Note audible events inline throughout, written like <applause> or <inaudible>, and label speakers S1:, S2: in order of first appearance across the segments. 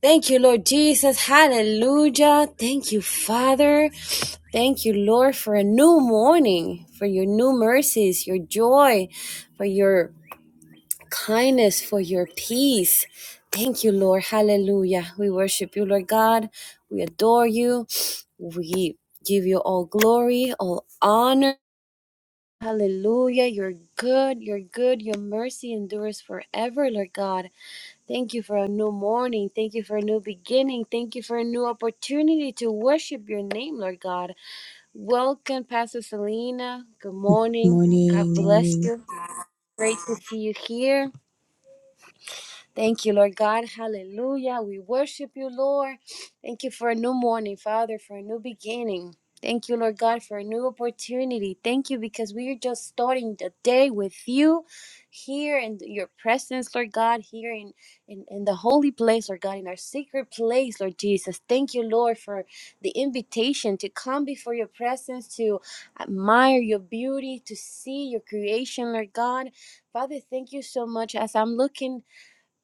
S1: Thank you, Lord Jesus. Hallelujah. Thank you, Father. Thank you, Lord, for a new morning, for your new mercies, your joy, for your kindness, for your peace. Thank you, Lord. Hallelujah. We worship you, Lord God. We adore you. We give you all glory, all honor. Hallelujah. You're good. You're good. Your mercy endures forever, Lord God. Thank you for a new morning. Thank you for a new beginning. Thank you for a new opportunity to worship your name, Lord God. Welcome, Pastor Selena. Good morning. God
S2: Morning,
S1: bless
S2: morning.
S1: you. Great to see you here. Thank you, Lord God. Hallelujah. We worship you, Lord. Thank you for a new morning, Father, for a new beginning. Thank you, Lord God, for a new opportunity. Thank you because we are just starting the day with you here in your presence, Lord God, here in, in, in the holy place, Lord God, in our secret place, Lord Jesus. Thank you, Lord, for the invitation to come before your presence, to admire your beauty, to see your creation, Lord God. Father, thank you so much as I'm looking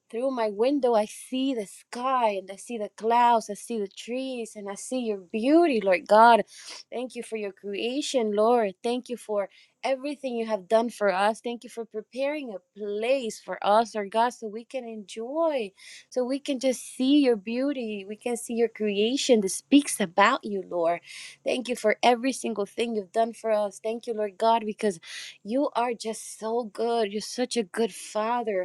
S1: through my window, I see the sky and I see the clouds, I see the trees, and I see your beauty, Lord God. Thank you for your creation, Lord. Thank you for everything you have done for us. Thank you for preparing a place for us, Lord God, so we can enjoy, so we can just see your beauty. We can see your creation that speaks about you, Lord. Thank you for every single thing you've done for us. Thank you, Lord God, because you are just so good. You're such a good father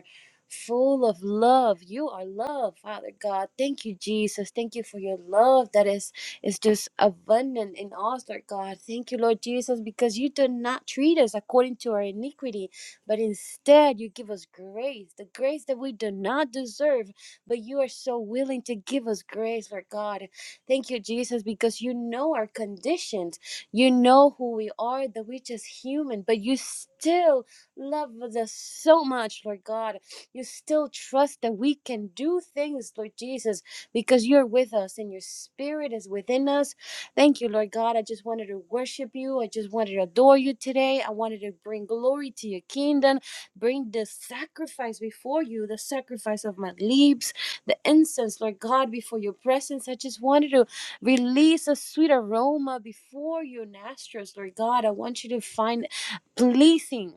S1: full of love. You are love, Father God. Thank you, Jesus. Thank you for your love that is is just abundant in us, Lord God. Thank you, Lord Jesus, because you do not treat us according to our iniquity, but instead you give us grace, the grace that we do not deserve, but you are so willing to give us grace, Lord God. Thank you, Jesus, because you know our conditions. You know who we are, that we're just human, but you still love us so much, Lord God you still trust that we can do things, Lord Jesus, because you're with us and your spirit is within us. Thank you, Lord God. I just wanted to worship you. I just wanted to adore you today. I wanted to bring glory to your kingdom, bring the sacrifice before you, the sacrifice of my lips, the incense, Lord God, before your presence. I just wanted to release a sweet aroma before your nostrils, Lord God. I want you to find pleasing.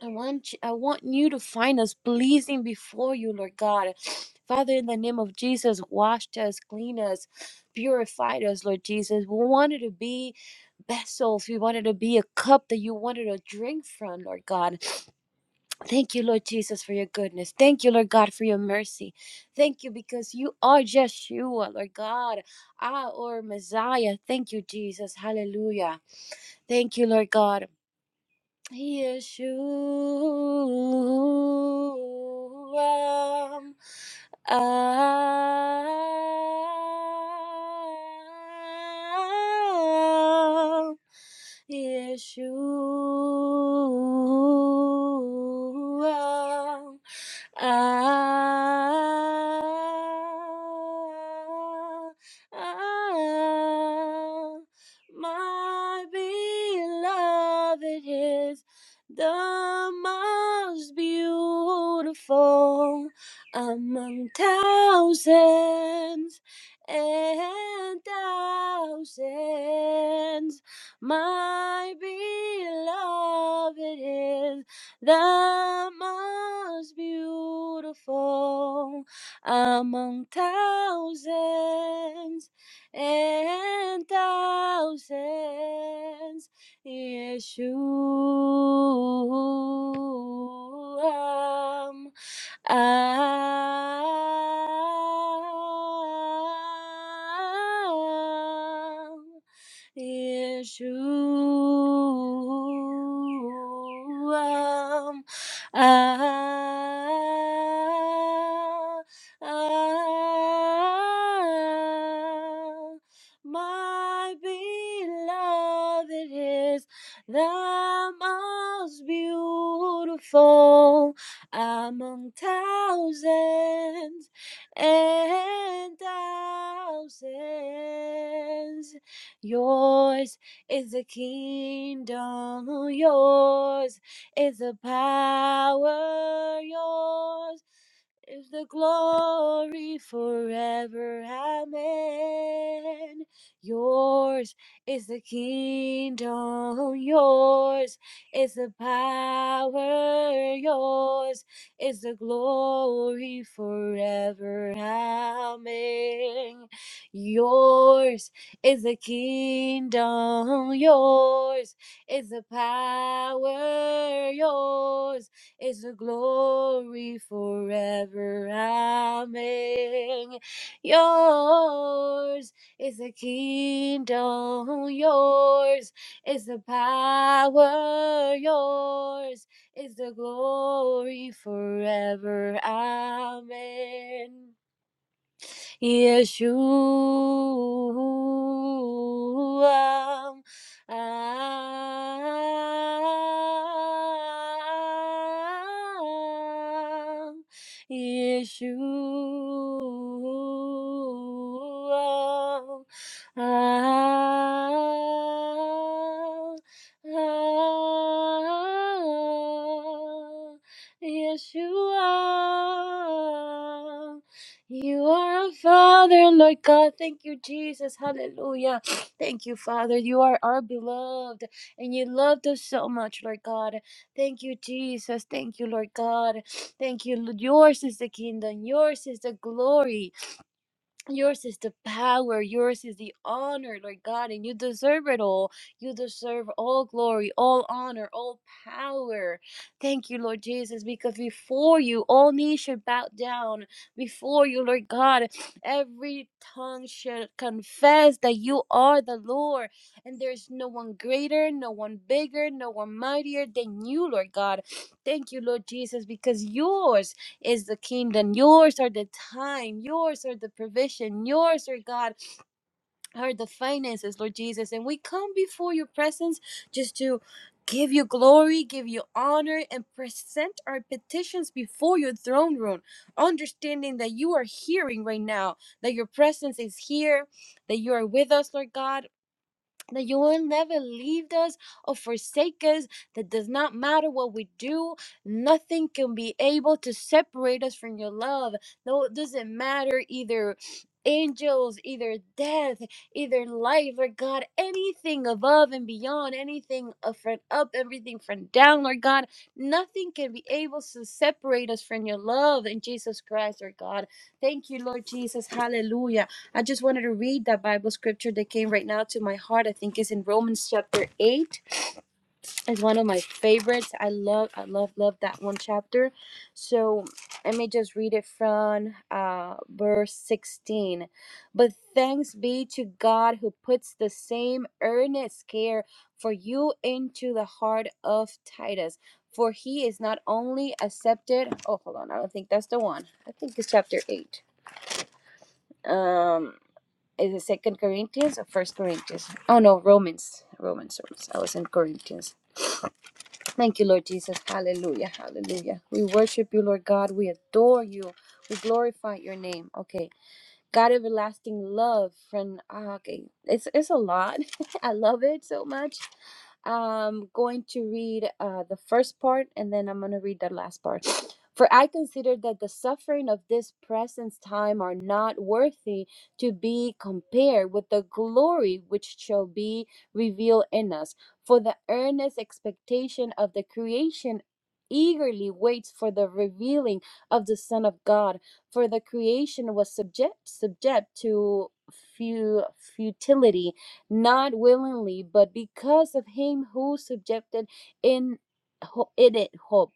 S1: I want you, I want you to find us pleasing before you, Lord God. Father, in the name of Jesus, wash us, clean us, purify us, Lord Jesus. We wanted to be vessels. We wanted to be a cup that you wanted to drink from, Lord God. Thank you, Lord Jesus, for your goodness. Thank you, Lord God, for your mercy. Thank you because you are Yeshua, Lord God, our Messiah. Thank you, Jesus. Hallelujah. Thank you, Lord God. Yeshua, I, Yeshua, Ah, ah, my beloved is the most beautiful among thousands and thousands. My beloved is the most beautiful among thousands and thousands. Yeshua. Yeshua. Ah, ah, ah, my beloved is the most beautiful among thousands and thousands. Yours is the kingdom, yours is the power, yours is the glory forever. Amen. Yours is the kingdom, yours is the power, yours is the glory forever. Amen. Yours is the kingdom yours? Is the power yours? Is the glory forever? Amen. Yours is the kingdom, yours is the power, yours is the glory forever. Amen. Yeshua. Ah, Yeshua. Ah, ah, Yeshua. You are our Father, Lord God. Thank you, Jesus. Hallelujah. Thank you, Father. You are our beloved, and you loved us so much, Lord God. Thank you, Jesus. Thank you, Lord God. Thank you. Lord. Yours is the kingdom, yours is the glory. Yours is the power, yours is the honor, Lord God, and you deserve it all. You deserve all glory, all honor, all power. Thank you, Lord Jesus, because before you, all knees should bow down. Before you, Lord God, every tongue should confess that you are the Lord, and there's no one greater, no one bigger, no one mightier than you, Lord God. Thank you, Lord Jesus, because yours is the kingdom. Yours are the time. Yours are the provision. Yours are God are the finances, Lord Jesus. And we come before your presence just to give you glory, give you honor, and present our petitions before your throne room, understanding that you are hearing right now, that your presence is here, that you are with us, Lord God that you will never leave us or forsake us, that does not matter what we do, nothing can be able to separate us from your love. No, it doesn't matter either angels, either death, either life, Lord God, anything above and beyond, anything up from up, everything from down, Lord God, nothing can be able to separate us from your love in Jesus Christ, Lord God. Thank you, Lord Jesus. Hallelujah. I just wanted to read that Bible scripture that came right now to my heart. I think is in Romans chapter 8. It's one of my favorites. I love I love love that one chapter. So, let me just read it from uh verse 16. But thanks be to God who puts the same earnest care for you into the heart of Titus. For he is not only accepted. Oh, hold on. I don't think that's the one. I think it's chapter 8. Um is it second corinthians or first corinthians oh no romans romans romans i was in corinthians thank you lord jesus hallelujah hallelujah we worship you lord god we adore you we glorify your name okay God everlasting love from ah, okay. It's it's a lot. <laughs> I love it so much. I'm going to read uh, the first part and then I'm going to read the last part. For I consider that the suffering of this present time are not worthy to be compared with the glory which shall be revealed in us. For the earnest expectation of the creation eagerly waits for the revealing of the Son of God for the creation was subject subject to fu- futility not willingly but because of him who subjected in ho- in it hope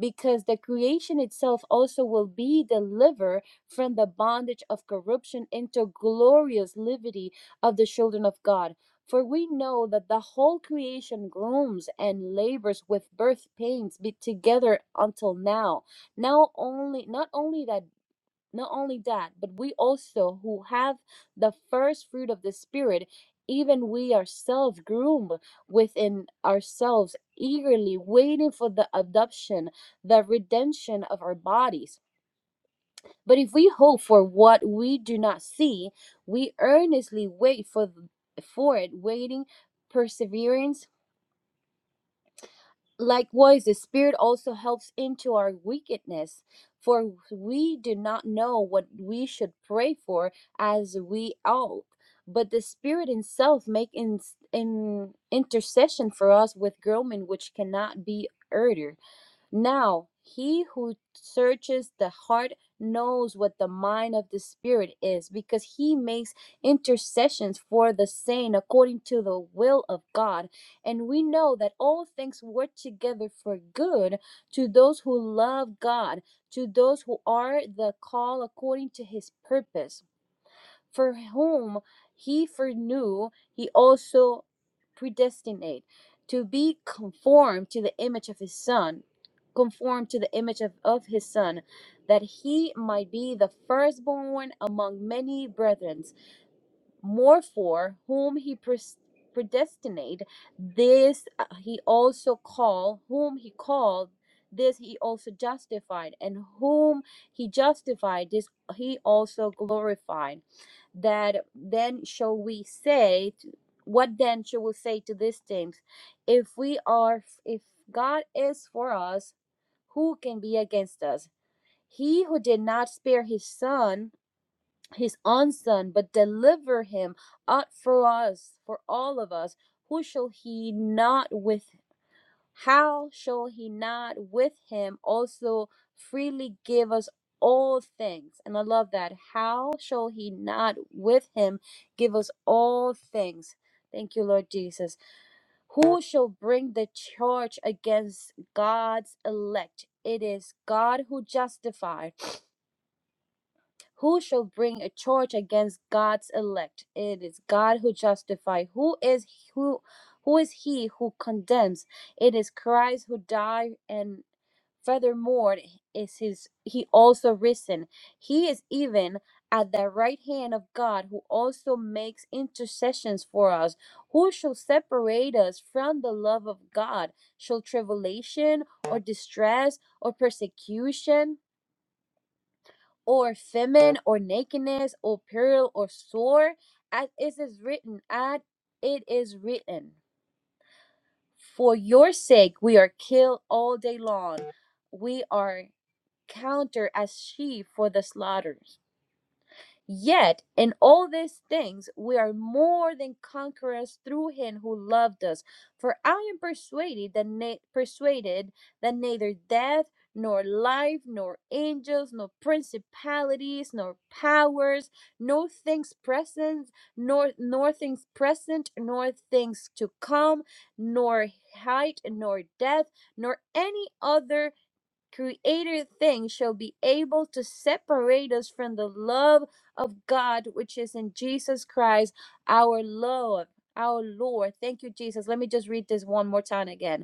S1: because the creation itself also will be delivered from the bondage of corruption into glorious liberty of the children of God for we know that the whole creation groans and labors with birth pains be together until now now only not only that not only that, but we also who have the first fruit of the Spirit, even we ourselves groom within ourselves, eagerly waiting for the adoption, the redemption of our bodies. But if we hope for what we do not see, we earnestly wait for, for it, waiting perseverance Likewise, the Spirit also helps into our wickedness, for we do not know what we should pray for as we ought. But the Spirit Himself make in, in intercession for us with groaning which cannot be uttered. Now, he who searches the heart knows what the mind of the Spirit is, because he makes intercessions for the saint according to the will of God. And we know that all things work together for good to those who love God, to those who are the call according to his purpose for whom he foreknew he also predestinate to be conformed to the image of his son conformed to the image of, of his son that he might be the firstborn among many brethren more for whom he pres- predestinate this uh, he also called whom he called this he also justified and whom he justified this he also glorified that then shall we say t- what then shall we say to these things if we are if god is for us who can be against us he who did not spare his son his own son, but deliver him up for us, for all of us. Who shall he not with? How shall he not with him also freely give us all things? And I love that. How shall he not with him give us all things? Thank you, Lord Jesus. Who shall bring the charge against God's elect? It is God who justifies. Who shall bring a charge against God's elect? It is God who justifies. Who is who who is he who condemns? It is Christ who died and furthermore is his he also risen. He is even at the right hand of God who also makes intercessions for us. Who shall separate us from the love of God? Shall tribulation or distress or persecution? or famine or nakedness or peril or sore as it is written as it is written for your sake we are killed all day long we are counted as sheep for the slaughter Yet, in all these things, we are more than conquerors through him who loved us. For I am persuaded that, na- persuaded that neither death, nor life, nor angels, nor principalities, nor powers, nor things present, nor, nor things present, nor things to come, nor height, nor depth nor any other created things shall be able to separate us from the love of God which is in Jesus Christ, our Lord, our Lord. Thank you, Jesus. Let me just read this one more time again.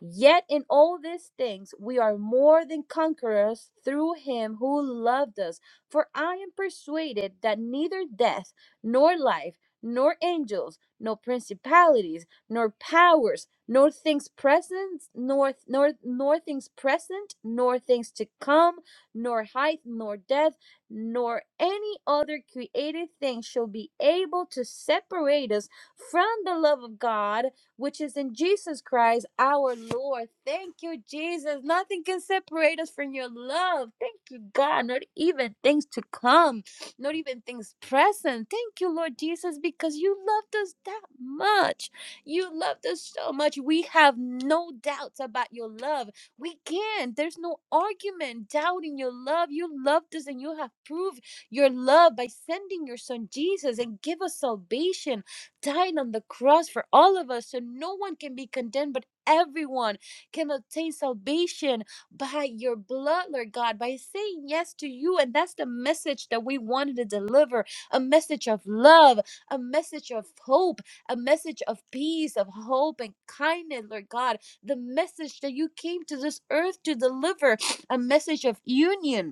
S1: Yet in all these things we are more than conquerors through him who loved us. For I am persuaded that neither death, nor life, nor angels, nor principalities, nor powers, nor things present, nor nor nor things present, nor things to come, nor height, nor depth, nor any other created thing shall be able to separate us from the love of God which is in Jesus Christ, our Lord. Thank you, Jesus. Nothing can separate us from your love. Thank you, God. Not even things to come, not even things present. Thank you, Lord Jesus, because you loved us that much. You loved us so much. We have no doubts about your love. We can't. There's no argument doubting your love. You loved us and you have proved your love by sending your son Jesus and give us salvation dying on the cross for all of us so no one can be condemned, but everyone can obtain salvation by your blood, Lord God, by saying yes to you. And that's the message that we wanted to deliver a message of love, a message of hope, a message of peace, of hope and kindness, Lord God. The message that you came to this earth to deliver, a message of union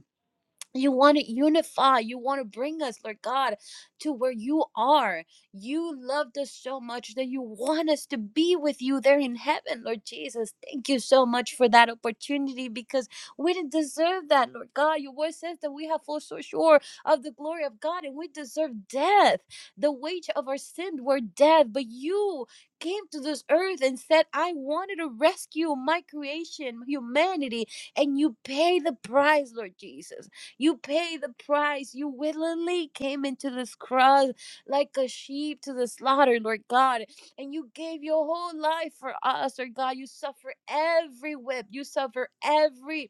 S1: you want to unify. You want to bring us, Lord God, to where you are. You loved us so much that you want us to be with you there in heaven, Lord Jesus. Thank you so much for that opportunity because we didn't deserve that, Lord God. Your word says that we have fallen so short of the glory of God and we deserve death. The wage of our sin were death, but you came to this earth and said, I wanted to rescue my creation, humanity, and you pay the price, Lord Jesus. You pay the price. You willingly came into this cross like a sheep to the slaughter, Lord God. And you gave your whole life for us, Lord God. You suffer every whip. You suffer every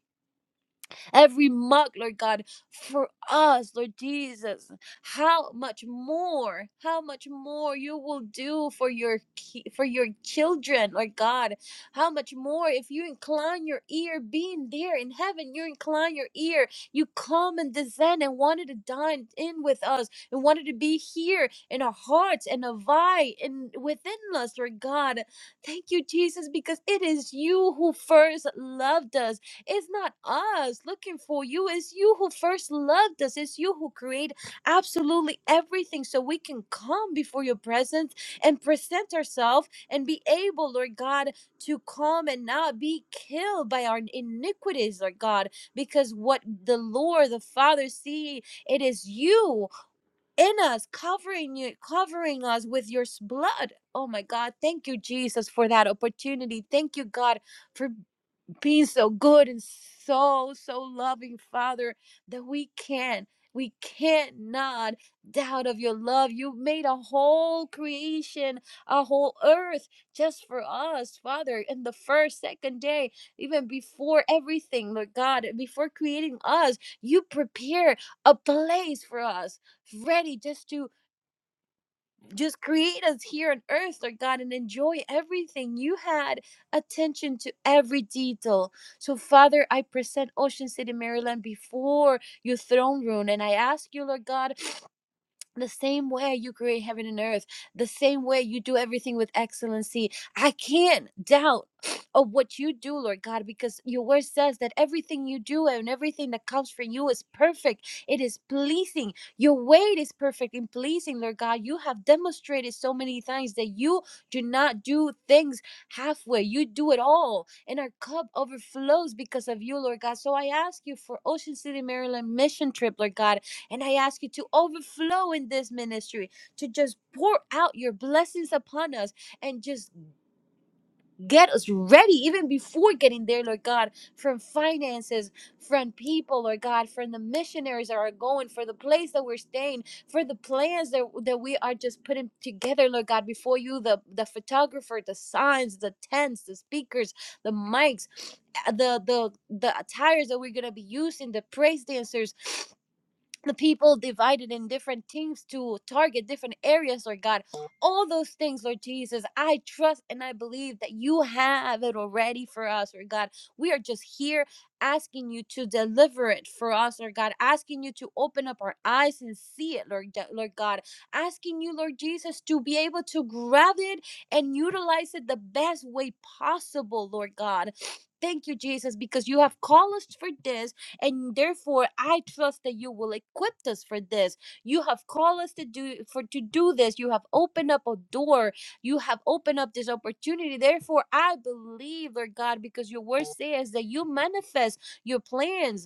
S1: every mark, Lord God, for us, Lord Jesus. How much more, how much more you will do for your ki- for your children, Lord God. How much more if you incline your ear, being there in heaven, you incline your ear, you come and descend and wanted to dine in with us and wanted to be here in our hearts and abide in within us, Lord God. Thank you, Jesus, because it is you who first loved us. It's not us looking for you. It's you who first loved us. It's you who created absolutely everything so we can come before your presence and present ourselves and be able, Lord God, to come and not be killed by our iniquities, Lord God, because what the Lord, the Father, see, it is you in us, covering you, covering us with your s- blood. Oh my God, thank you, Jesus, for that opportunity. Thank you, God, for being so good and so so loving father that we can we cannot doubt of your love you made a whole creation a whole earth just for us father in the first second day even before everything lord god before creating us you prepare a place for us ready just to just create us here on earth, Lord God, and enjoy everything. You had attention to every detail. So, Father, I present Ocean City, Maryland before your throne room, and I ask you, Lord God the same way you create heaven and earth, the same way you do everything with excellency. I can't doubt of what you do, Lord God, because your word says that everything you do and everything that comes from you is perfect. It is pleasing. Your way is perfect and pleasing, Lord God. You have demonstrated so many times that you do not do things halfway, you do it all. And our cup overflows because of you, Lord God. So I ask you for Ocean City, Maryland mission trip, Lord God and I ask you to overflow in this ministry, to just pour out your blessings upon us and just get us ready, even before getting there, Lord God, from finances, from people, Lord God, from the missionaries that are going, for the place that we're staying, for the plans that, that we are just putting together, Lord God, before you, the, the photographer, the signs, the tents, the speakers, the mics, uh, the the the attires that we're gonna be using, the praise dancers the people divided in different teams to target different areas, Lord God. All those things, Lord Jesus, I trust and I believe that you have it already for us, Lord God. We are just here asking you to deliver it for us, Lord God, asking you to open up our eyes and see it, Lord, Lord God, asking you, Lord Jesus, to be able to grab it and utilize it the best way possible, Lord God. Thank you, Jesus, because you have called us for this and therefore, I trust that you will equip us for this. You have called us to do for to do this. You have opened up a door. You have opened up this opportunity. Therefore, I believe, Lord God, because your word says that you manifest your plans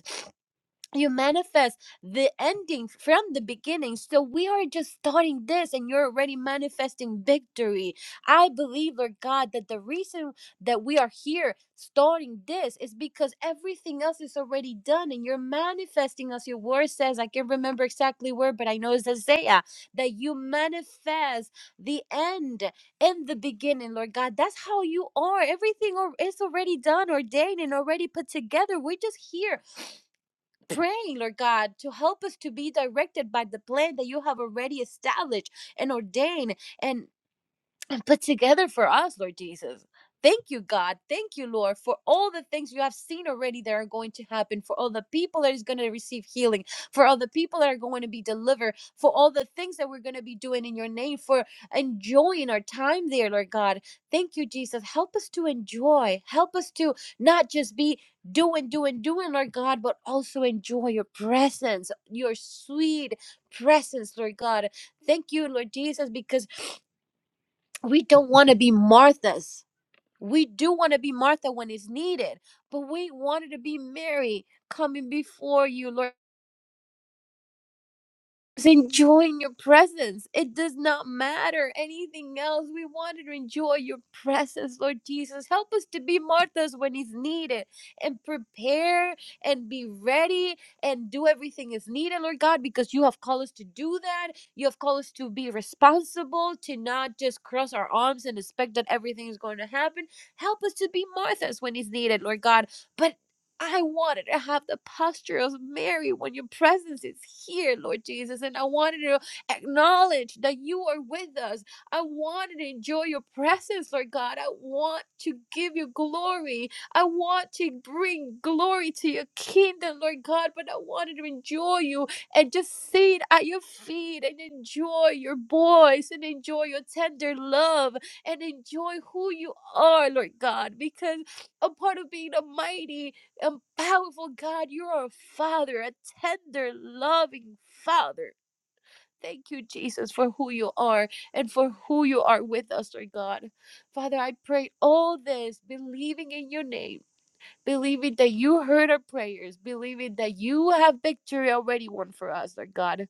S1: you manifest the ending from the beginning. So we are just starting this and you're already manifesting victory. I believe, Lord God, that the reason that we are here starting this is because everything else is already done and you're manifesting as your word says. I can't remember exactly where, but I know it's Isaiah that you manifest the end in the beginning, Lord God. That's how you are. Everything al- is already done, ordained, and already put together. We're just here praying, Lord God, to help us to be directed by the plan that you have already established and ordained. and and put together for us, Lord Jesus. Thank you, God. Thank you, Lord, for all the things you have seen already that are going to happen, for all the people that is going to receive healing, for all the people that are going to be delivered, for all the things that we're going to be doing in your name, for enjoying our time there, Lord God. Thank you, Jesus. Help us to enjoy. Help us to not just be doing, doing, doing, Lord God, but also enjoy your presence, your sweet presence, Lord God. Thank you, Lord Jesus, because we don't want to be Marthas. We do want to be Martha when it's needed, but we wanted to be Mary coming before you, Lord. Just enjoying your presence. It does not matter anything else. We want to enjoy your presence, Lord Jesus. Help us to be Marthas when it's needed and prepare and be ready and do everything is needed, Lord God, because you have called us to do that. You have called us to be responsible, to not just cross our arms and expect that everything is going to happen. Help us to be Marthas when it's needed, Lord God. But I wanted to have the posture of Mary when your presence is here, Lord Jesus. And I wanted to acknowledge that you are with us. I wanted to enjoy your presence, Lord God. I want to give you glory. I want to bring glory to your kingdom, Lord God. But I wanted to enjoy you and just sit at your feet and enjoy your voice and enjoy your tender love and enjoy who you are, Lord God. Because a part of being a mighty and powerful God, you are a father, a tender, loving father. Thank you, Jesus, for who you are and for who you are with us, Lord God. Father, I pray all this, believing in your name, believing that you heard our prayers, believing that you have victory already won for us, Lord God.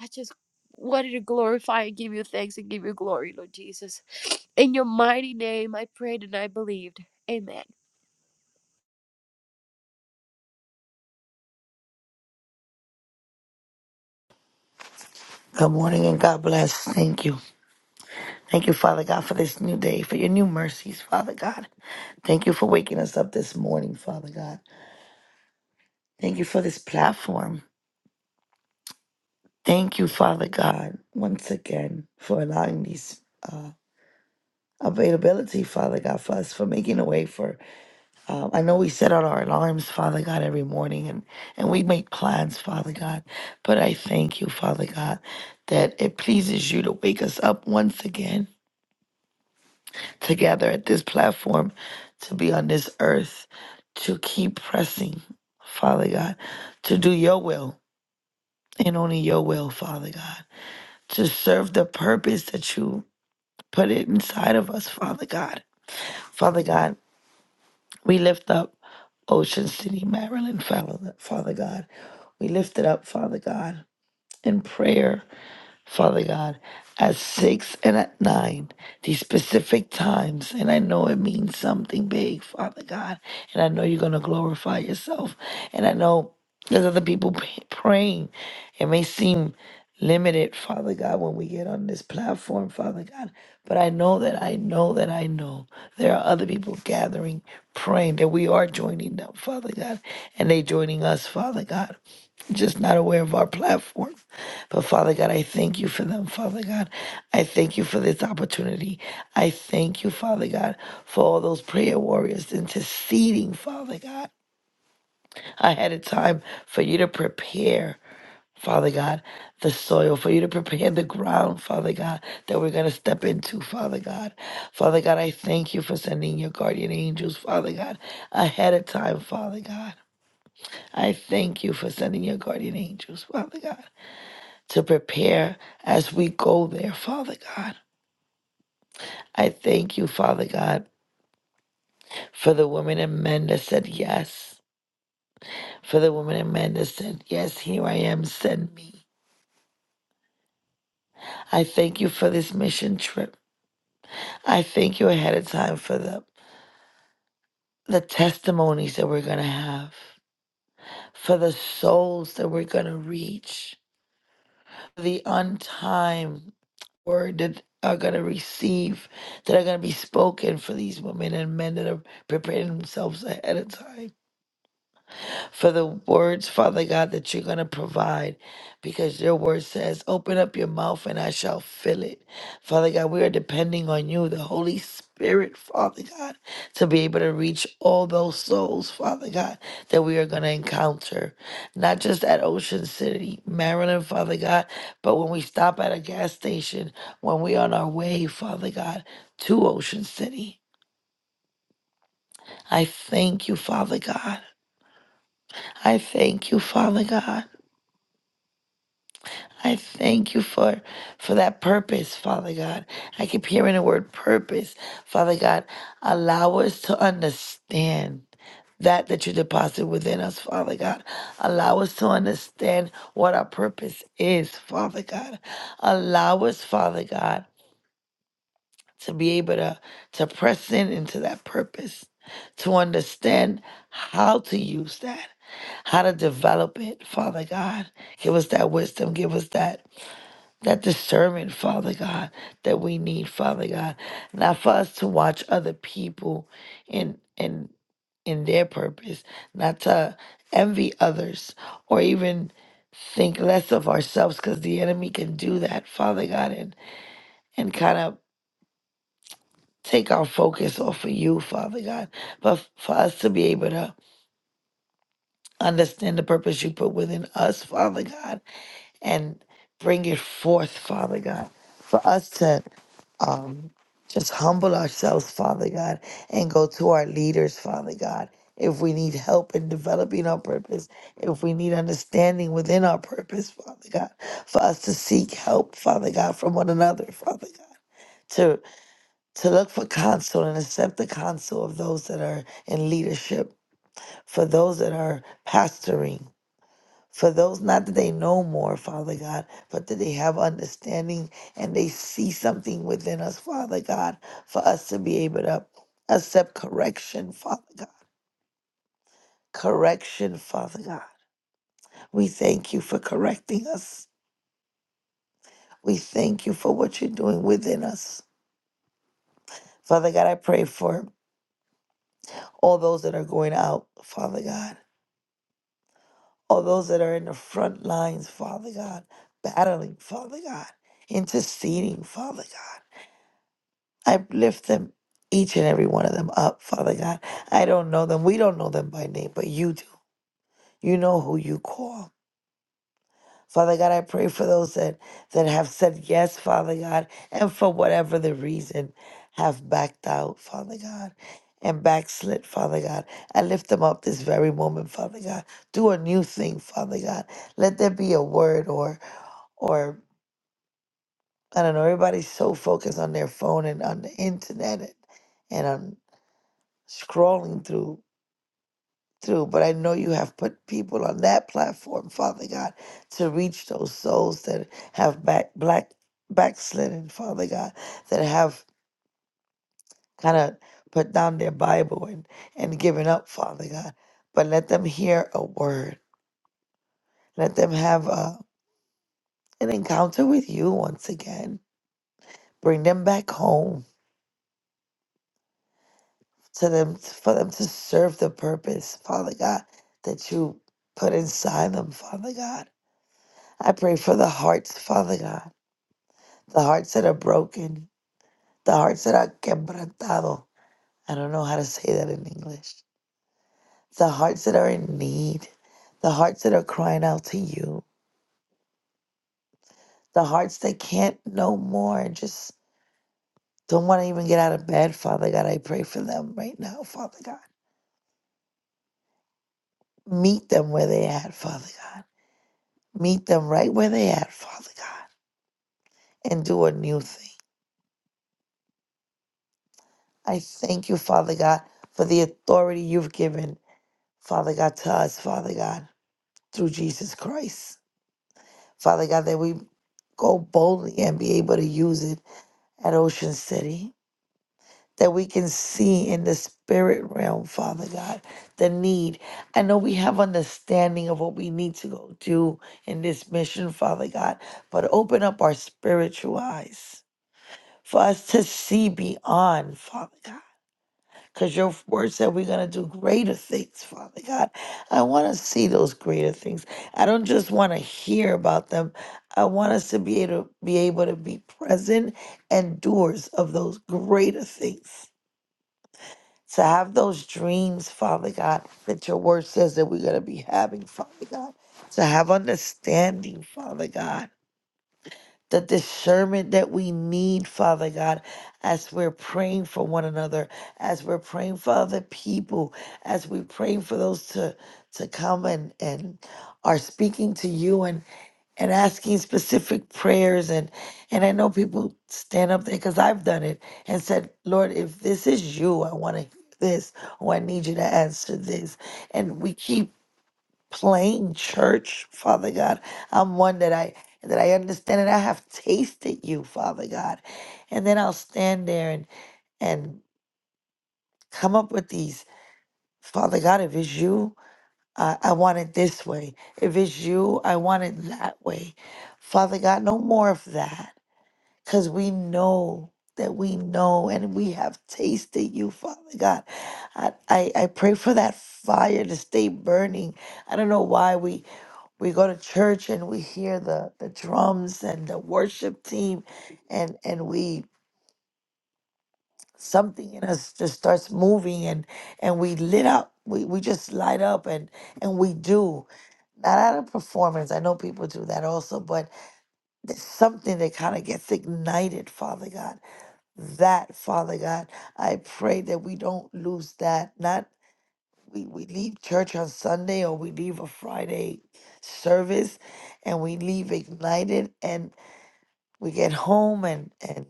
S1: I just wanted to glorify and give you thanks and give you glory, Lord Jesus. In your mighty name, I prayed and I believed. Amen.
S3: Good morning and God bless. Thank you. Thank you, Father God, for this new day, for your new mercies, Father God. Thank you for waking us up this morning, Father God. Thank you for this platform. Thank you, Father God, once again for allowing these uh, availability, Father God, for us, for making a way for. Um, I know we set out our alarms, Father God, every morning, and and we make plans, Father God. But I thank you, Father God, that it pleases you to wake us up once again together at this platform to be on this earth to keep pressing, Father God, to do your will and only your will, Father God, to serve the purpose that you put it inside of us, Father God. Father God, we lift up Ocean City, Maryland, Father Father God. We lift it up, Father God, in prayer Father God, at six and at nine, these specific times. And I know it means something big, Father God. And I know you're going to glorify yourself. And I know there's other people p- praying. It may seem limited, Father God, when we get on this platform, Father God. But I know that I know that I know there are other people gathering, praying that we are joining them, Father God. And they joining us, Father God just not aware of our platform. But Father God, I thank you for them, Father God. I thank you for this opportunity. I thank you, Father God, for all those prayer warriors interceding, Father God. I had a time for you to prepare. Father God, the soil for you to prepare the ground, Father God, that we're going to step into, Father God. Father God, I thank you for sending your guardian angels, Father God, ahead of time, Father God. I thank you for sending your guardian angels, Father God to prepare as we go there, Father God. I thank you, Father God, for the women and men that said yes, for the women and men that said, Yes, here I am, send me. I thank you for this mission trip. I thank you ahead of time for the, the testimonies that we're going to have, for the souls that we're going to reach, for the untimed word that are going to receive, that are going to be spoken for these women and men that are preparing themselves ahead of time. for the words, Father God, that you're going to provide because your word says, Open up your mouth and I shall fill it. Father God, we are depending on you, the Holy Spirit, Father God, to be able to reach all those souls, Father God, that we are going to encounter, not just at Ocean City, Maryland, Father God, but when we stop at a gas station, when we're on our way, Father God, to Ocean City. I thank you, Father God. I thank you, Father God. I thank you for for that purpose, Father God. I keep hearing the word purpose, Father God. Allow us to understand that that you deposit within us, Father God. Allow us to understand what our purpose is, Father God. Allow us, Father God, to be able to to press in into that purpose, to understand how to use that, how to develop it, Father God. Give us that wisdom. Give us that that discernment, Father God, that we need, Father God, not for us to watch other people in in in their purpose, not to envy others or even think less of ourselves, because the enemy can do that, Father God, and and kind of take our focus off of you, Father God, but f- for us to be able to understand the purpose you put within us, Father God, and bring it forth, Father God, for us to um, just humble ourselves, Father God, and go to our leaders, Father God. If we need help in developing our purpose, if we need understanding within our purpose, Father God, for us to seek help, Father God, from one another, Father God, to to look for counsel and accept the counsel of those that are in leadership, for those that are pastoring, for those not that they know more, Father God, but that they have understanding and they see something within us, Father God, for us to be able to accept correction, Father God. Correction, Father God. We thank you for correcting us. We thank you for what you're doing within us. Father God, I pray for all those that are going out, Father God, all those that are in the front lines, Father God, battling, Father God, interceding, Father God. I lift them, each and every one of them up, Father God. I don't know them. We don't know them by name, but you do. You know who you call. Father God, I pray for those that, that have said yes, Father God, and for whatever the reason have backed out, Father God, and backslid, Father God. I lift them up this very moment, Father God. Do a new thing, Father God. Let there be a word or or I don't know, everybody's so focused on their phone and on the internet and, and on. scrolling through through but i know you have put people on that platform father god to reach those souls that have back black backslidden father god that have kind of put down their bible and and given up father god but let them hear a word let them have a, an encounter with you once again bring them back home to them for them to serve the purpose father god that you put inside them father god I pray for the hearts, Father God, the hearts that are broken, the hearts that are quebrantado. I don't know how to say that in English. The hearts that are in need, the hearts that are crying out to you, the hearts that can't no more and just don't want to even get out of bed, Father God. I pray for them right now, Father God. Meet them where they at, Father God. Meet them right where they at, Father God, and do a new thing. I thank you, Father God, for the authority you've given Father God, to us, Father God, through Jesus Christ. Father God, that we go boldly and be able to use it at Ocean City. That we can see in the spirit realm, Father God, the need. I know we have understanding of what we need to go do in this mission, Father God, but open up our spiritual eyes for us to see beyond, Father God Because your word said we're going to do greater things, Father God. I want to see those greater things. I don't just want to hear about them. I want us to be able to be able to be present and doers of those greater things. To have those dreams, Father God, that your word says that we're going to be having, Father God. To have understanding, Father God the discernment that we need, Father God, as we're praying for one another, as we're praying for other people, as we're praying for those to to come and and are speaking to you and and asking specific prayers and and I know people stand up there because I've done it and said, Lord, if this is you, I want to this or I need you to answer this, and we keep plain church, Father God. I'm one that I that I understand and I have tasted you, Father God. And then I'll stand there and and come up with these, Father God, if it's you, I, I want it this way. If it's you, I want it that way. Father God, no more of that. Cause we know that we know and we have tasted you, Father God. I, I, I pray for that fire to stay burning. I don't know why we we go to church and we hear the the drums and the worship team and and we something in us just starts moving and and we lit up we, we just light up and and we do not out of performance i know people do that also but there's something that kind of gets ignited father god that father god i pray that we don't lose that Not. we, we leave church on Sunday or we leave a Friday service and we leave ignited and we get home and and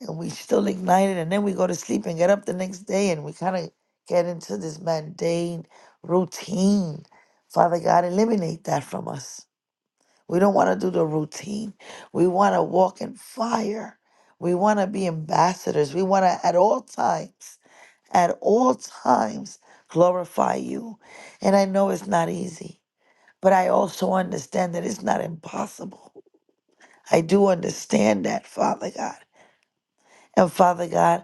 S3: and we still ignited and then we go to sleep and get up the next day and we kind of get into this mundane routine. Father God, eliminate that from us. We don't want to do the routine. We want to walk in fire. We want to be ambassadors. We want to at all times at all times glorify you. And I know it's not easy, but I also understand that it's not impossible. I do understand that, Father God. And Father God,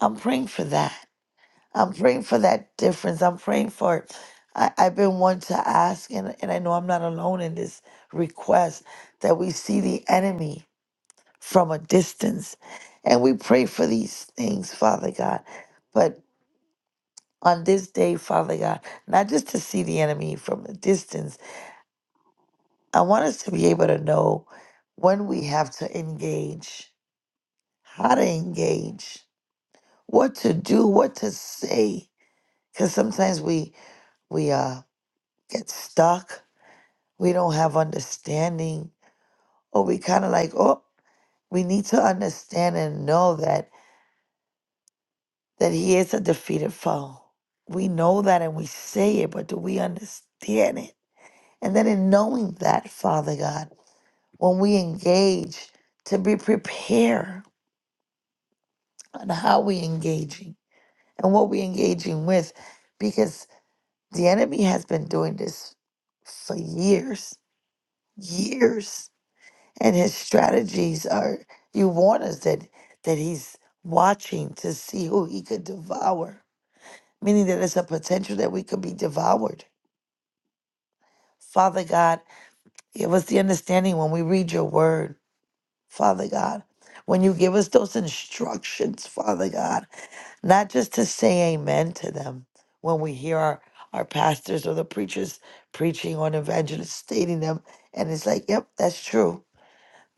S3: I'm praying for that. I'm praying for that difference. I'm praying for I, I've been one to ask, and, and I know I'm not alone in this request, that we see the enemy from a distance. And we pray for these things, Father God. but. on this day, Father God, not just to see the enemy from a distance. I want us to be able to know when we have to engage, how to engage, what to do, what to say. Because sometimes we we uh get stuck. We don't have understanding, or we kind of like, oh, we need to understand and know that that he is a defeated foe. We know that and we say it, but do we understand it? And then in knowing that, Father God. when we engage to be prepared on how we engaging and what we engaging with because the enemy has been doing this for years years and his strategies are you warn us that that he's watching to see who he could devour meaning that it's a potential that we could be devoured father god give us the understanding when we read your word father god when you give us those instructions father god not just to say amen to them when we hear our, our pastors or the preachers preaching on evangelists stating them and it's like yep that's true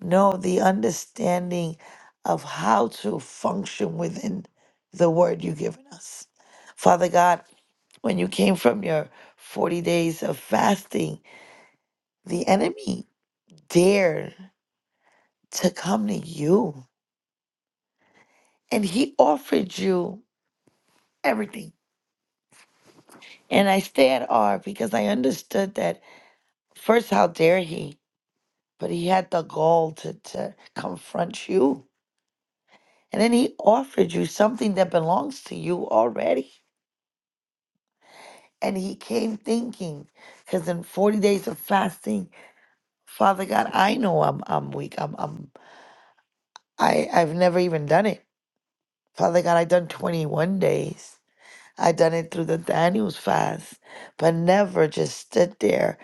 S3: no the understanding of how to function within the word you've given us father god when you came from your 40 days of fasting the enemy dared to come to you and he offered you everything and i stay at r because i understood that First, how dare he? But he had the gall to, to confront you. And then he offered you something that belongs to you already. And he came thinking, because in 40 days of fasting, Father God, I know I'm I'm weak. I'm I'm I, I've never even done it. Father God, i done 21 days. i done it through the Daniels fast, but never just stood there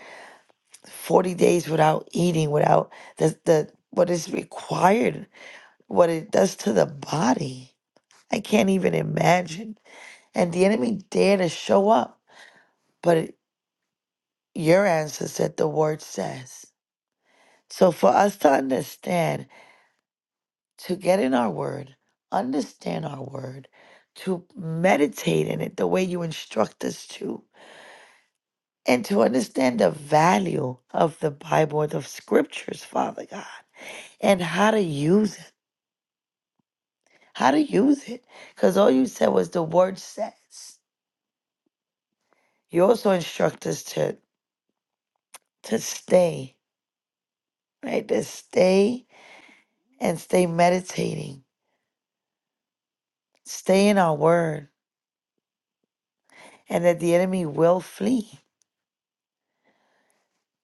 S3: 40 days without eating, without the, the what is required what it does to the body. I can't even imagine. And the enemy dare to show up, but it- your answer said the word says. So for us to understand, to get in our word, understand our word, to meditate in it the way you instruct us to, and to understand the value of the Bible and the scriptures, Father God, and how to use it. How to use it. Because all you said was the word says. You also instruct us to to stay, right? To stay and stay meditating. Stay in our word. And that the enemy will flee.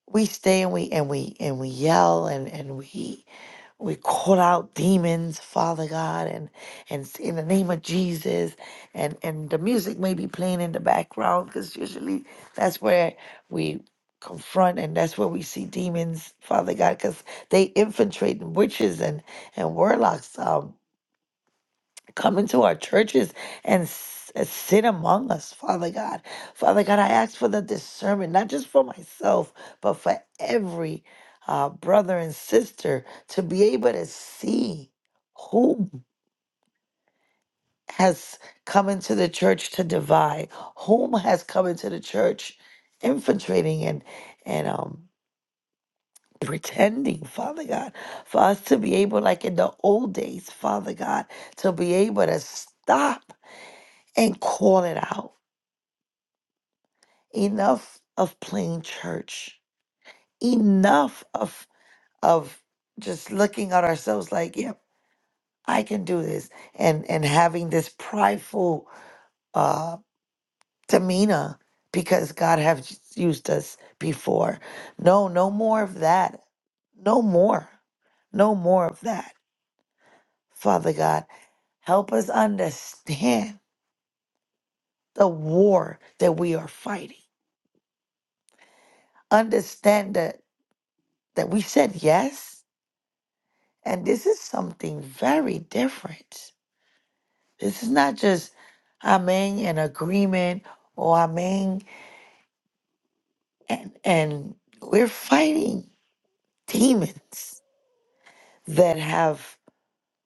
S3: We stay and we and we and we yell and, and we We call out demons, Father God, and and s- in the name of Jesus, and and the music may be playing in the background because usually that's where we confront and that's where we see demons, Father God, because they infiltrate and witches and and warlocks. Um, come into our churches and s- uh, sit among us, Father God. Father God, I ask for the discernment, not just for myself, but for every uh, brother and sister to be able to see who has come into the church to divide, whom has come into the church infiltrating and and um pretending father god for us to be able like in the old days father god to be able to stop and call it out. Enough of playing church. Enough of of just looking at ourselves like, yep, I can do this, and and having this prideful uh, demeanor because God has used us before. No, no more of that. No more. No more of that. Father God, help us understand the war that we are fighting. Understand that that we said yes And this is something very different. This is not just I'm in an agreement or I'm in and and we're fighting demons that have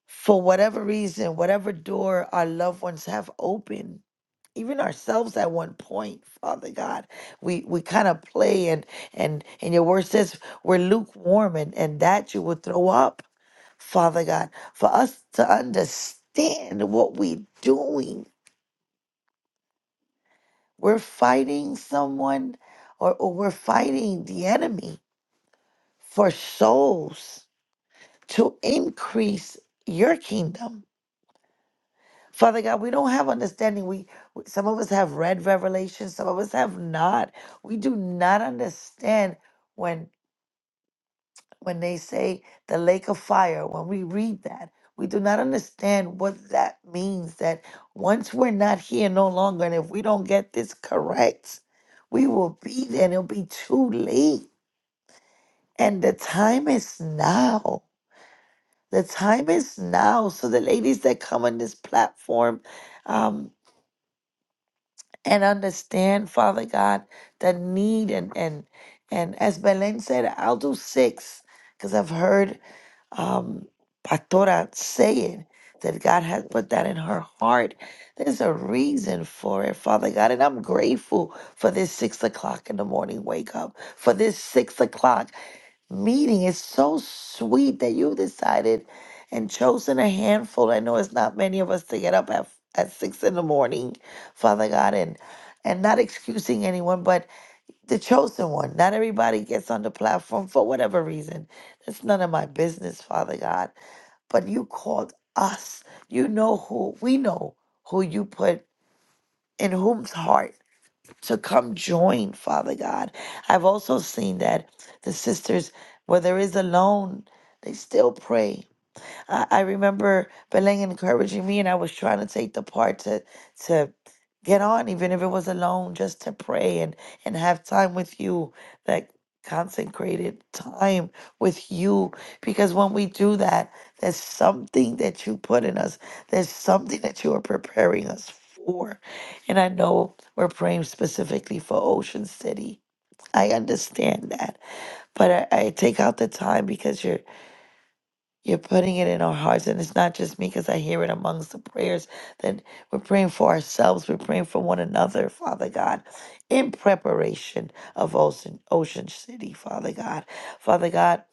S3: for whatever reason, whatever door our loved ones have opened, even ourselves at one point, Father God, we we kind of play and and and your word says we're lukewarm and and that you would throw up. Father God, for us to understand what we're doing. We're fighting someone or, or we're fighting the enemy for souls to increase your kingdom. Father God, we don't have understanding. We we- some of us have read Revelation, some of us have not. We do not understand when. when they say the lake of fire, when we read that, we do not understand what that means. That once we're not here no longer, and if we don't get this correct, we will be there and it'll be too late. And the time is now. The time is now. So, the ladies that come on this platform um, and understand, Father God, the need, and, and, and as Belen said, I'll do six because I've heard um, Pastora saying that God has put that in her heart. There's a reason for it, Father God. And I'm grateful for this six o'clock in the morning wake up, for this six o'clock meeting. It's so sweet that you decided and chosen a handful. I know it's not many of us to get up at, at six in the morning, Father God, and and not excusing anyone, but the chosen one. Not everybody gets on the platform for whatever reason. That's none of my business, Father God. But you called us. You know who we know who you put in whom's heart to come join, Father God. I've also seen that the sisters, where there is alone, they still pray I, I remember Beleng encouraging me, and I was trying to take the part to to get on, even if it was alone, just to pray and and have time with you, that consecrated time with you. Because when we do that, there's something that you put in us. There's something that you are preparing us for. And I know we're praying specifically for Ocean City. I understand that, but I, I take out the time because you're you're putting it in our hearts. And it's not just me because I hear it amongst the prayers that we're praying for ourselves. We're praying for one another, Father God, in preparation of Ocean, Ocean City, Father God. Father God,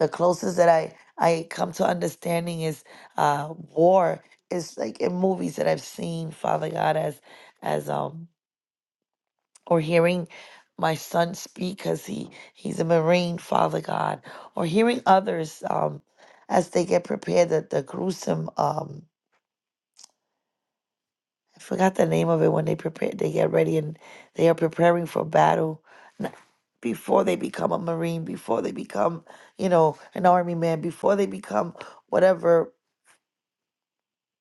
S3: the closest that I, I come to understanding is uh, war. It's like in movies that I've seen, Father God, as as um or hearing my son speak because he he's a marine father god or hearing others um as they get prepared the, the gruesome um i forgot the name of it when they prepare they get ready and they are preparing for battle n- before they become a marine before they become you know an army man before they become whatever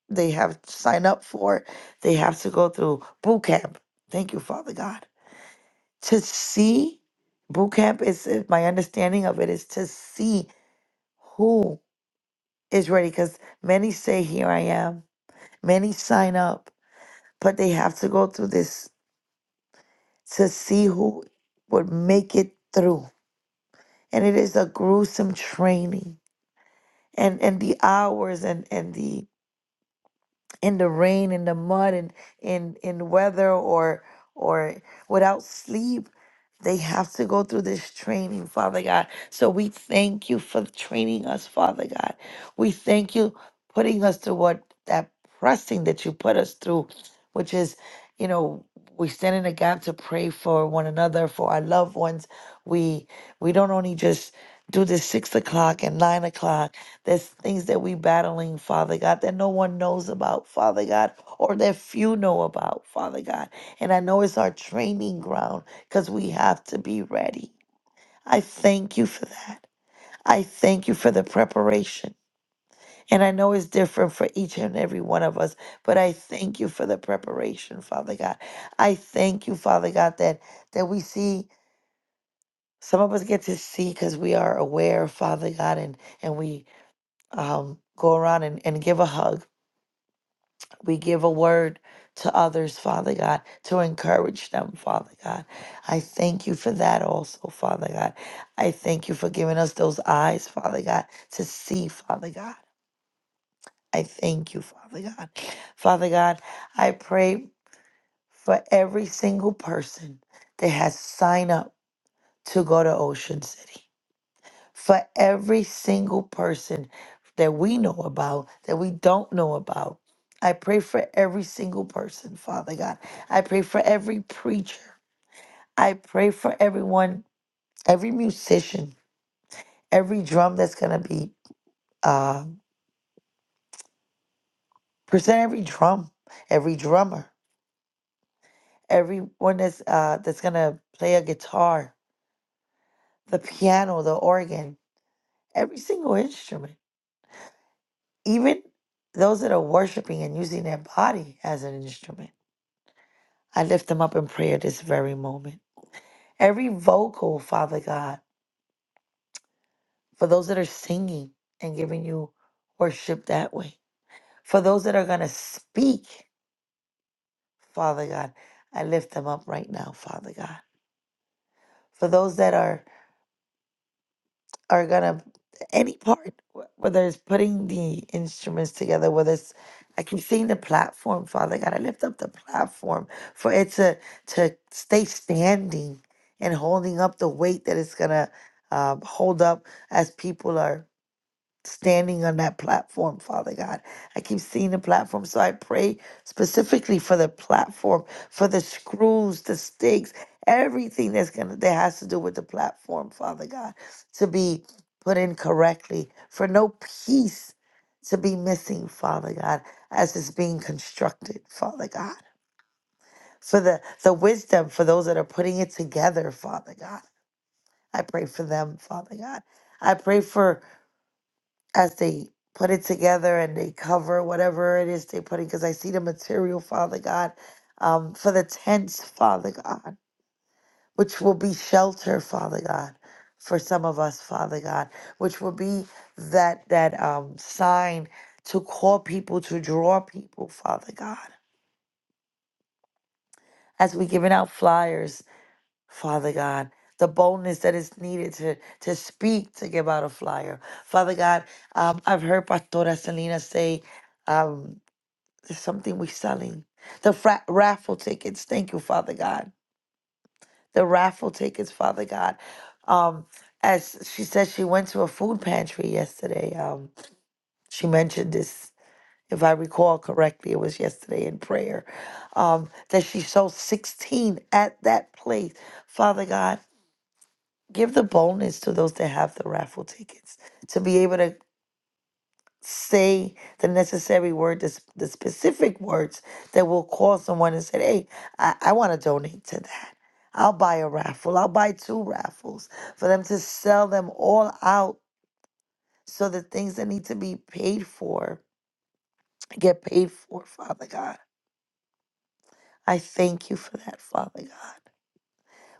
S3: they have signed up for they have to go through boot camp thank you father god to see boot camp is is- my understanding of it is to see who is ready because many say here i am many sign up but they have to go through this to see who would make it through and it is a gruesome training and and the hours and and the in the rain, in the mud, and in in weather or or without sleep, they have to go through this training, Father God. So we thank you for training us, Father God. We thank you putting us through what that pressing that you put us through, which is, you know, we stand in the gap to pray for one another, for our loved ones. We we don't only just do this six o'clock and nine o'clock there's things that we battling, Father God, that no one knows about, Father God, or that few know about, Father God. And I know it's our training ground because we have to be ready. I thank you for that. I thank you for the preparation. And I know it's different for each and every one of us, but I thank you for the preparation, Father God. I thank you, Father God, that that we see some of us get to see because we are aware, Father God, and and we um, go around and, and give a hug We give a word to others, Father God, to encourage them, Father God. I thank you for that also, Father God. I thank you for giving us those eyes, Father God, to see, Father God. I thank you, Father God. Father God, I pray for every single person that has signed up to go to Ocean City for every single person that we know about, that we don't know about. I pray for every single person, Father God. I pray for every preacher. I pray for everyone, every musician, every drum that's going to be uh, present, every drum, every drummer, everyone that's, uh, that's going to play a guitar, the piano, the organ, every single instrument, even those that are worshiping and using their body as an instrument. I lift them up in prayer this very moment. Every vocal, Father God, for those that are singing and giving you worship that way, for those that are going to speak, Father God, I lift them up right now, Father God. For those that are are gonna any part wh- whether it's putting the instruments together whether it's i keep seeing the platform father god i lift up the platform for it to to stay standing and holding up the weight that it's gonna um, hold up as people are standing on that platform, Father God. I keep seeing the platform, so I pray specifically for the platform, for the screws, the stakes, everything that's gonna that has to do with the platform, Father God, to be put in correctly, for no piece to be missing, Father God, as it's being constructed, Father God. For the, the wisdom for those that are putting it together, Father God. I pray for them, Father God. I pray for as they put it together and they cover whatever it is they put in because I see the material, Father God, um, for the tents, Father God, which will be shelter, Father God, for some of us, Father God, which will be that that um, sign to call people, to draw people, Father God, as we're giving out flyers, Father God. The boldness that is needed to to speak to give out a flyer, Father God. Um, I've heard Pastora Selena say, um. There's something we're selling. The fra- raffle tickets. Thank you, Father God. The raffle tickets, Father God. Um, as she said, she went to a food pantry yesterday. Um, she mentioned this, if I recall correctly, it was yesterday in prayer. Um, that she sold 16 at that place. Father God, give the bonus to those that have the raffle tickets to be able to say the necessary word, the, s- the specific words that will call someone and say, hey, I, I want to donate to that. I'll buy a raffle. I'll buy two raffles for them to sell them all out so the things that need to be paid for get paid for, Father God. I thank you for that, Father God.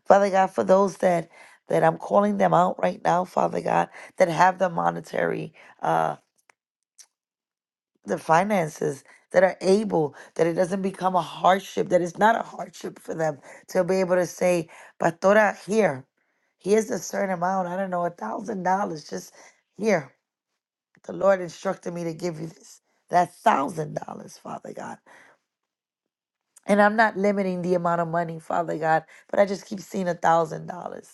S3: Father God, for those that that I'm calling them out right now, Father God, that have the monetary uh, the finances that are able that it doesn't become a hardship that it's not a hardship for them to be able to say pastora here here's a certain amount i don't know a thousand dollars just here the lord instructed me to give you this that thousand dollars father god and i'm not limiting the amount of money father god but i just keep seeing a thousand dollars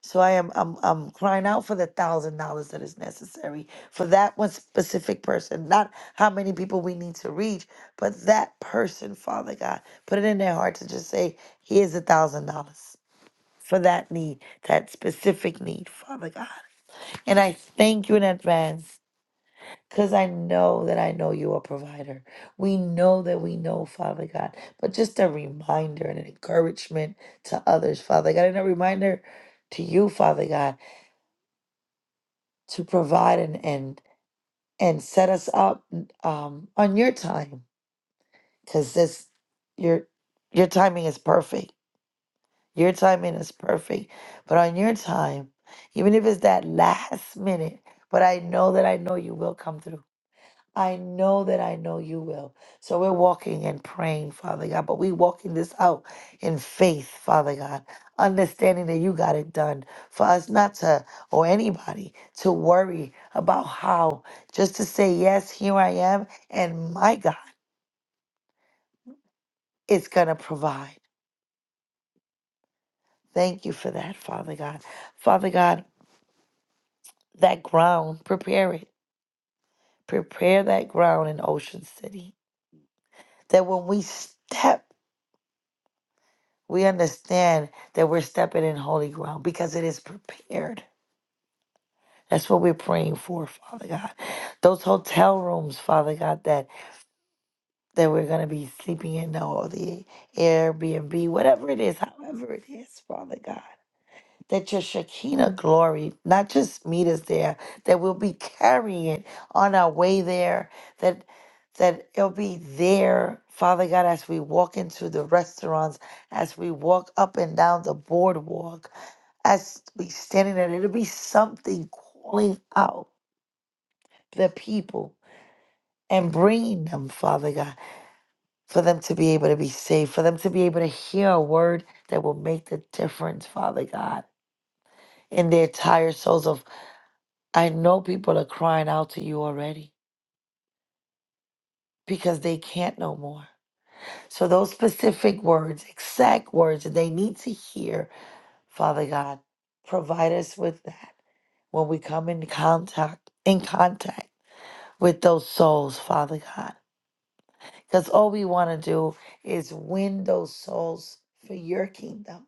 S3: so I am I'm I'm crying out for the thousand dollars that is necessary for that one specific person. Not how many people we need to reach, but that person, Father God, put it in their heart to just say, here's a thousand dollars for that need, that specific need, Father God. And I thank you in advance. Because I know that I know you're a provider. We know that we know, Father God. But just a reminder and an encouragement to others, Father God, and a reminder to you, Father God to provide and and and set us up um, on your time because this your your timing is perfect your timing is perfect but on your time even if it's that last minute but i know that i know you will come through I know that I know you will. So we're walking and praying, Father God, but we walking this out in faith, Father God, understanding that you got it done for us not to, or anybody, to worry about how, just to say, yes, here I am, and my God is going to provide. Thank you for that, Father God. Father God, that ground, prepare it. Prepare that ground in Ocean City. That when we step we understand that we're stepping in holy ground because it is prepared. That's what we're praying for, Father God. Those hotel rooms, Father God, that that we're gonna be sleeping in, or the Airbnb, whatever it is, however it is, Father God that your Shekinah glory, not just meet us there, that we'll be carrying it on our way there, that that it'll be there, Father God, as we walk into the restaurants, as we walk up and down the boardwalk, as we standing there, it'll be something calling out the people and bringing them, Father God, for them to be able to be saved, for them to be able to hear a word that will make the difference, Father God, in their tired souls of I know people are crying out to you already because they can't no more. So, those specific words, exact words that they need to hear, Father God, provide us with that when we come in contact, in contact with those souls, Father God. Because all we want to do is win those souls for your kingdom.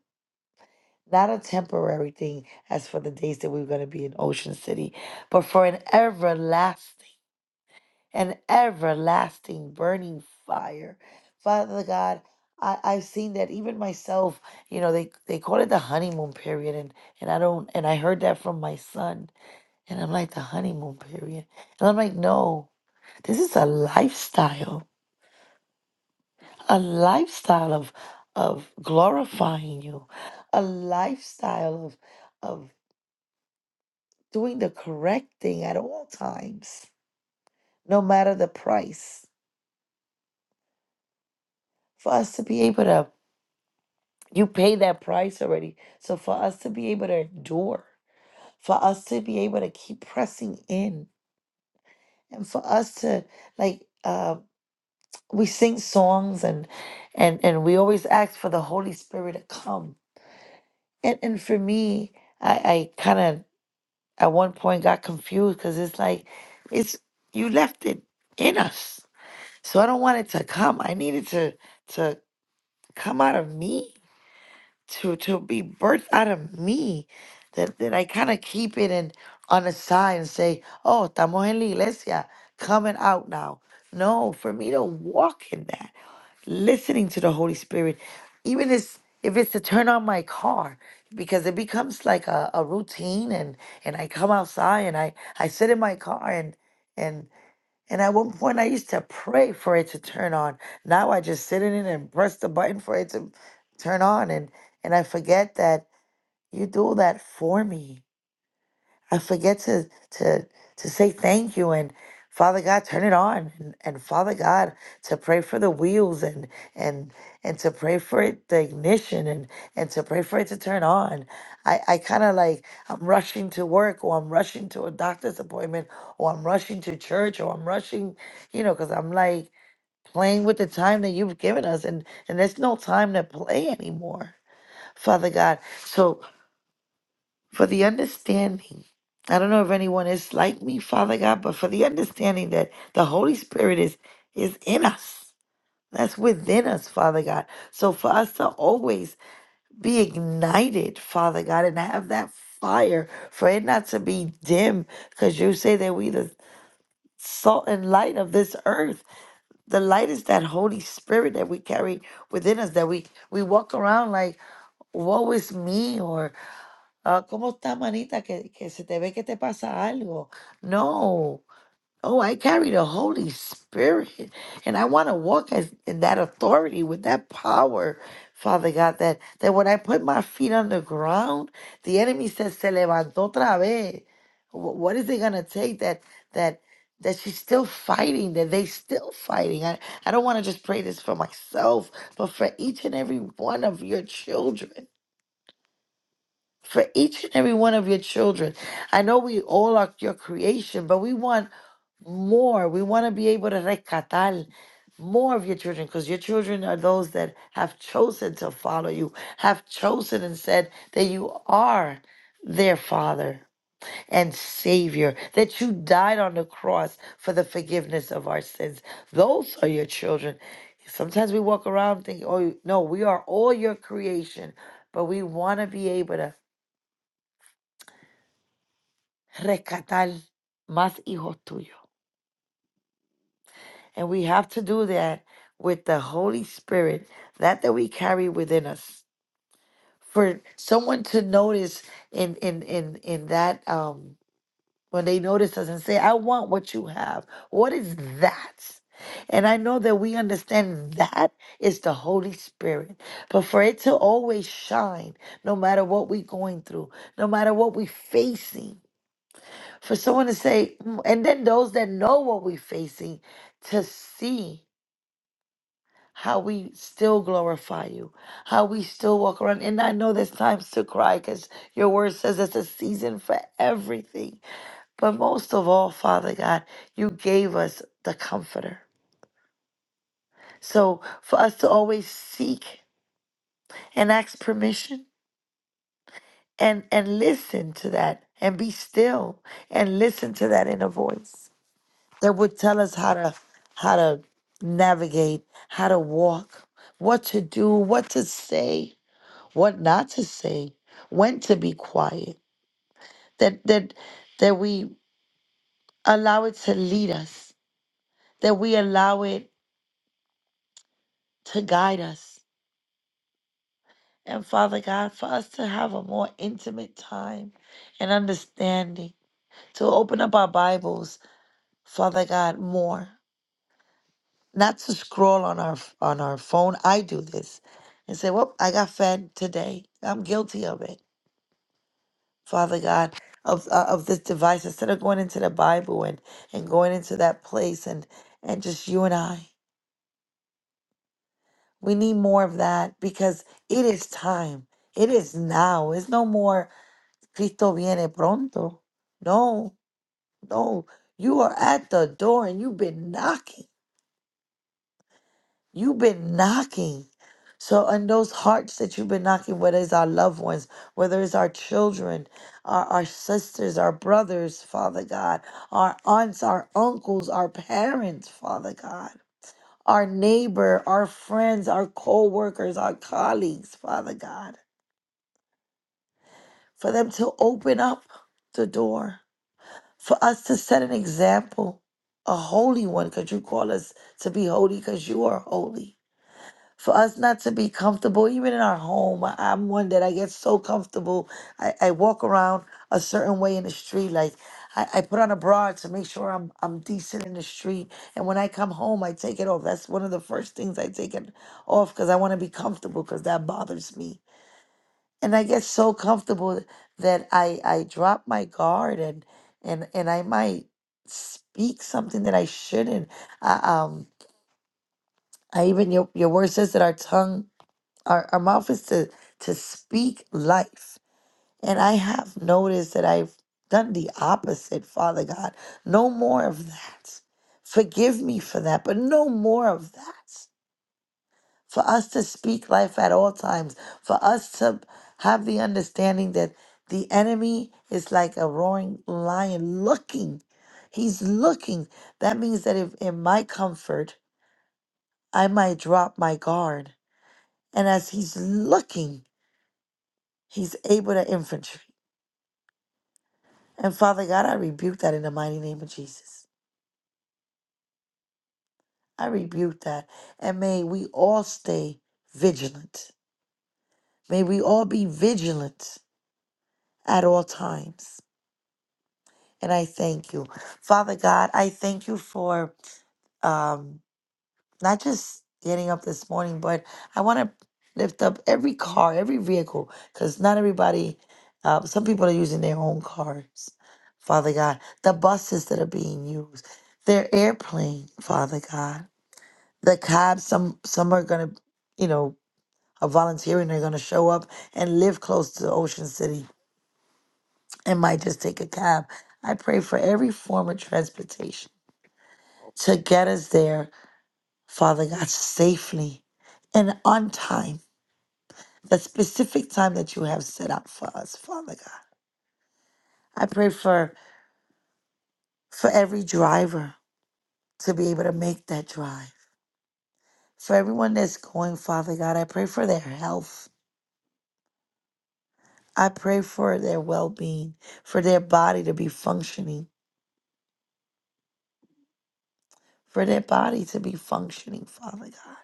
S3: Not a temporary thing as for the days that we're going to be in Ocean City, but for an everlasting. an everlasting burning fire. Father God, I, I've seen that even myself, you know, they, they call it the honeymoon period and, and I don't and I heard that from my son. And I'm like, the honeymoon period. And I'm like, no, this is a lifestyle. A lifestyle of of glorifying you. A lifestyle of of doing the correct thing at all times, no matter the price. For us to be able to You pay that price already. So for us to be able to endure, for us to be able to keep pressing in, and for us to like uh, we sing songs and and and we always ask for the Holy Spirit to come. And and for me, I, I kind of at one point got confused because it's like it's you left it in us. So I don't want it to come. I needed to to come out of me to to be birthed out of me that, that I kind of keep it in on the side and say, oh, estamos en la iglesia, coming out now. No, for me to walk in that, listening to the Holy Spirit, even this, if it's to turn on my car, because it becomes like a, a routine and, and I come outside and I, I sit in my car and and, and at one point, I used to pray for it to turn on. Now I just sit in it and press the button for it to turn on, and and I forget that you do that for me. I forget to to to say thank you and Father God, turn it on and, and Father God to pray for the wheels and and and to pray for it the ignition and and to pray for it to turn on. I, I kinda like I'm rushing to work or I'm rushing to a doctor's appointment or I'm rushing to church or I'm rushing, you know, because I'm like playing with the time that you've given us and and there's no time to play anymore. Father God. So for the understanding. I don't know if anyone is like me, Father God, but for the understanding that the Holy Spirit is is in us. That's within us, Father God. So for us to always be ignited, Father God, and have that fire, for it not to be dim, because you say that we the salt and light of this earth. The light is that Holy Spirit that we carry within us, that we we walk around like, woe is me, or Ah, ¿cómo está, manita? Que, que se te ve que te pasa algo. No. Oh, I carry the Holy Spirit. And I want to walk as, in that authority with that power, Father God, that, that when I put my feet on the ground, the enemy says, se levantó otra vez. Wh- What is it going to take that, that, that she's still fighting, that they still fighting. I, I don't want to just pray this for myself, but for each and every one of your children for each and every one of your children. I know we all are your creation, but we want more. We want to be able to recatal more of your children because your children are those that have chosen to follow you, have chosen and said that you are their father and savior, that you died on the cross for the forgiveness of our sins. Those are your children. Sometimes we walk around thinking, oh, no, we are all your creation, but we want to be able to rescatar más hijos tuyos. And we have to do that with the Holy Spirit, that that we carry within us. For someone to notice in in in in that um when they notice us and say, "I want what you have." What is that? And I know that we understand that is the Holy Spirit. But for it to always shine, no matter what we're going through, no matter what we're facing, for someone to say, "Mm," and then those that know what we're facing to see how we still glorify you, how we still walk around. And I know there's times to cry because your word says it's a season for everything. But most of all, Father God, you gave us the comforter. So for us to always seek and ask permission and, and listen to that and be still and listen to that inner voice. that would tell us how to how to navigate, how to walk, what to do, what to say, what not to say, when to be quiet. That that that we allow it to lead us, that we allow it to guide us. And Father God, for us to have a more intimate time and understanding, to open up our Bibles, Father God, more. not to scroll on our on our phone. I do this and say, "Well, I got fed today. I'm guilty of it, Father God, of uh, of this device." Instead of going into the Bible and and going into that place and and just you and I, we need more of that because it is time. It is now. It's no more Cristo viene pronto. No, no. You are at the door and you've been knocking. You've been knocking. So, on those hearts that you've been knocking, whether it's our loved ones, whether it's our children, our, our sisters, our brothers, Father God, our aunts, our uncles, our parents, Father God, our neighbor, our friends, our co workers, our colleagues, Father God, for them to open up the door, for us to set an example, a holy one, because you call us to be holy because you are holy for us not to be comfortable, even in our home. I- I'm one that I get so comfortable. I, I walk around a certain way in the street. Like I, I put on a bra to make sure I'm I'm decent in the street. And when I come home, I take it off. That's one of the first things I take it off because I want to be comfortable because that bothers me. And I get so comfortable that I I drop my guard and and and I might speak something that I shouldn't. I, um, I even your your word says that our tongue our, our mouth is to to speak life and i have noticed that i've done the opposite father god no more of that forgive me for that but no more of that for us to speak life at all times for us to have the understanding that the enemy is like a roaring lion looking he's looking that means that if in my comfort i might drop my guard and as he's looking He's able to infantry. And Father God, I rebuke that in the mighty name of Jesus. I rebuke that. And may we all stay vigilant. May we all be vigilant at all times. And I thank you. Father God, I thank you for um not just getting up this morning, but I want to lift up every car, every vehicle, because not everybody, uh, some people are using their own cars, Father God. The buses that are being used, their airplane, Father God. The cabs, some some are gonna, you know, are volunteering. They're gonna show up and live close to Ocean City and might just take a cab. I pray for every form of transportation to get us there, Father God, safely and on time. the specific time that you have set up for us, Father God. I pray for for every driver to be able to make that drive. For everyone that's going, Father God, I pray for their health. I pray for their well-being, for their body to be functioning, for their body to be functioning, Father God.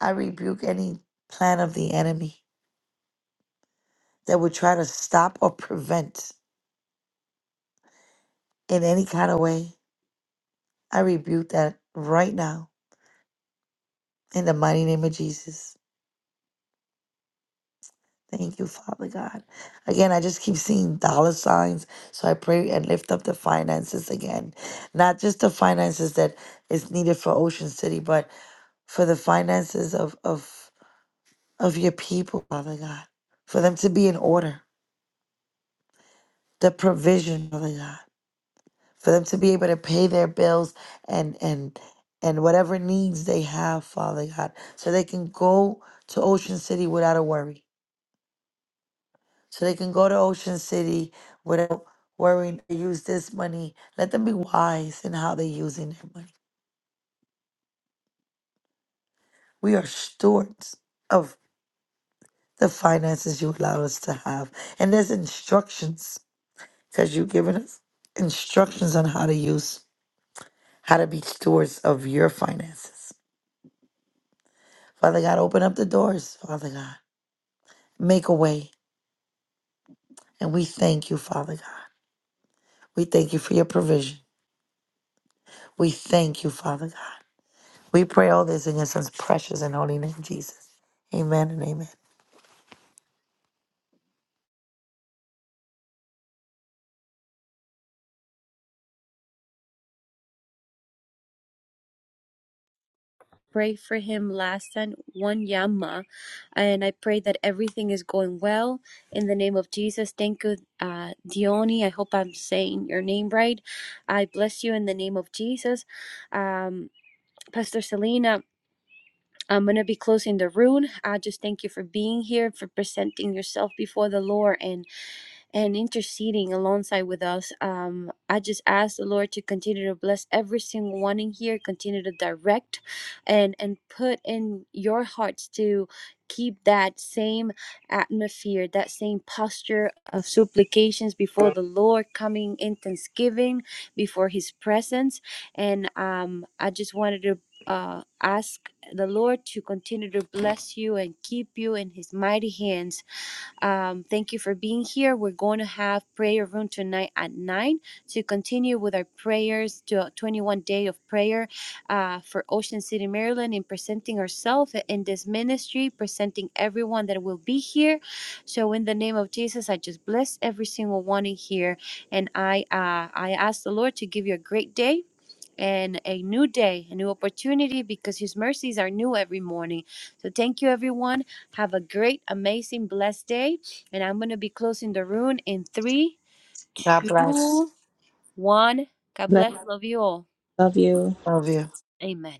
S3: I rebuke any plan of the enemy that would try to stop or prevent in any kind of way. I rebuke that right now in the mighty name of Jesus. Thank you, Father God. Again, I just keep seeing dollar signs. So I pray and lift up the finances again. Not just the finances that is needed for Ocean City, but for the finances of of of your people, Father God. For them to be in order. The provision, Father God. For them to be able to pay their bills and and and whatever needs they have, Father God. So they can go to Ocean City without a worry so they can go to Ocean City without worrying to use this money. Let them be wise in how they're using their money. We are stewards of the finances you allow us to have. And there's instructions because you've given us instructions on how to use, how to be stewards of your finances. Father God, open up the doors, Father God. Make a way. And we thank you, Father God. We thank you for your provision. We thank you, Father God. We pray all this in your son's precious and holy name, Jesus. Amen and amen.
S1: pray for him last time, one Yama, and I pray that everything is going well in the name of Jesus. Thank you, uh, Dioni. I hope I'm saying your name right. I bless you in the name of Jesus. Um, Pastor Selena, I'm going to be closing the room. I just thank you for being here, for presenting yourself before the Lord, and and interceding alongside with us. Um, I just ask the Lord to continue to bless every single one in here, continue to direct and and put in your hearts to keep that same atmosphere, that same posture of supplications before the Lord, coming in thanksgiving before his presence. And um, I just wanted to uh, ask the Lord to continue to bless you and keep you in his mighty hands um, thank you for being here. We're going to have prayer room tonight at 9 to continue with our prayers to a 21 day of prayer uh, for Ocean City, Maryland, in presenting ourselves in this ministry, presenting everyone that will be here. So, in the name of Jesus, I just bless every single one in here, and I uh, I ask the Lord to give you a great day and a new day, a new opportunity because His mercies are new every morning. So thank you, everyone. Have a great, amazing, blessed day. And I'm going to be closing the room in three,
S3: God bless.
S1: two, one. God
S2: Bless,
S1: bless. Love you all.
S2: love you.
S3: Love you.
S1: Amen.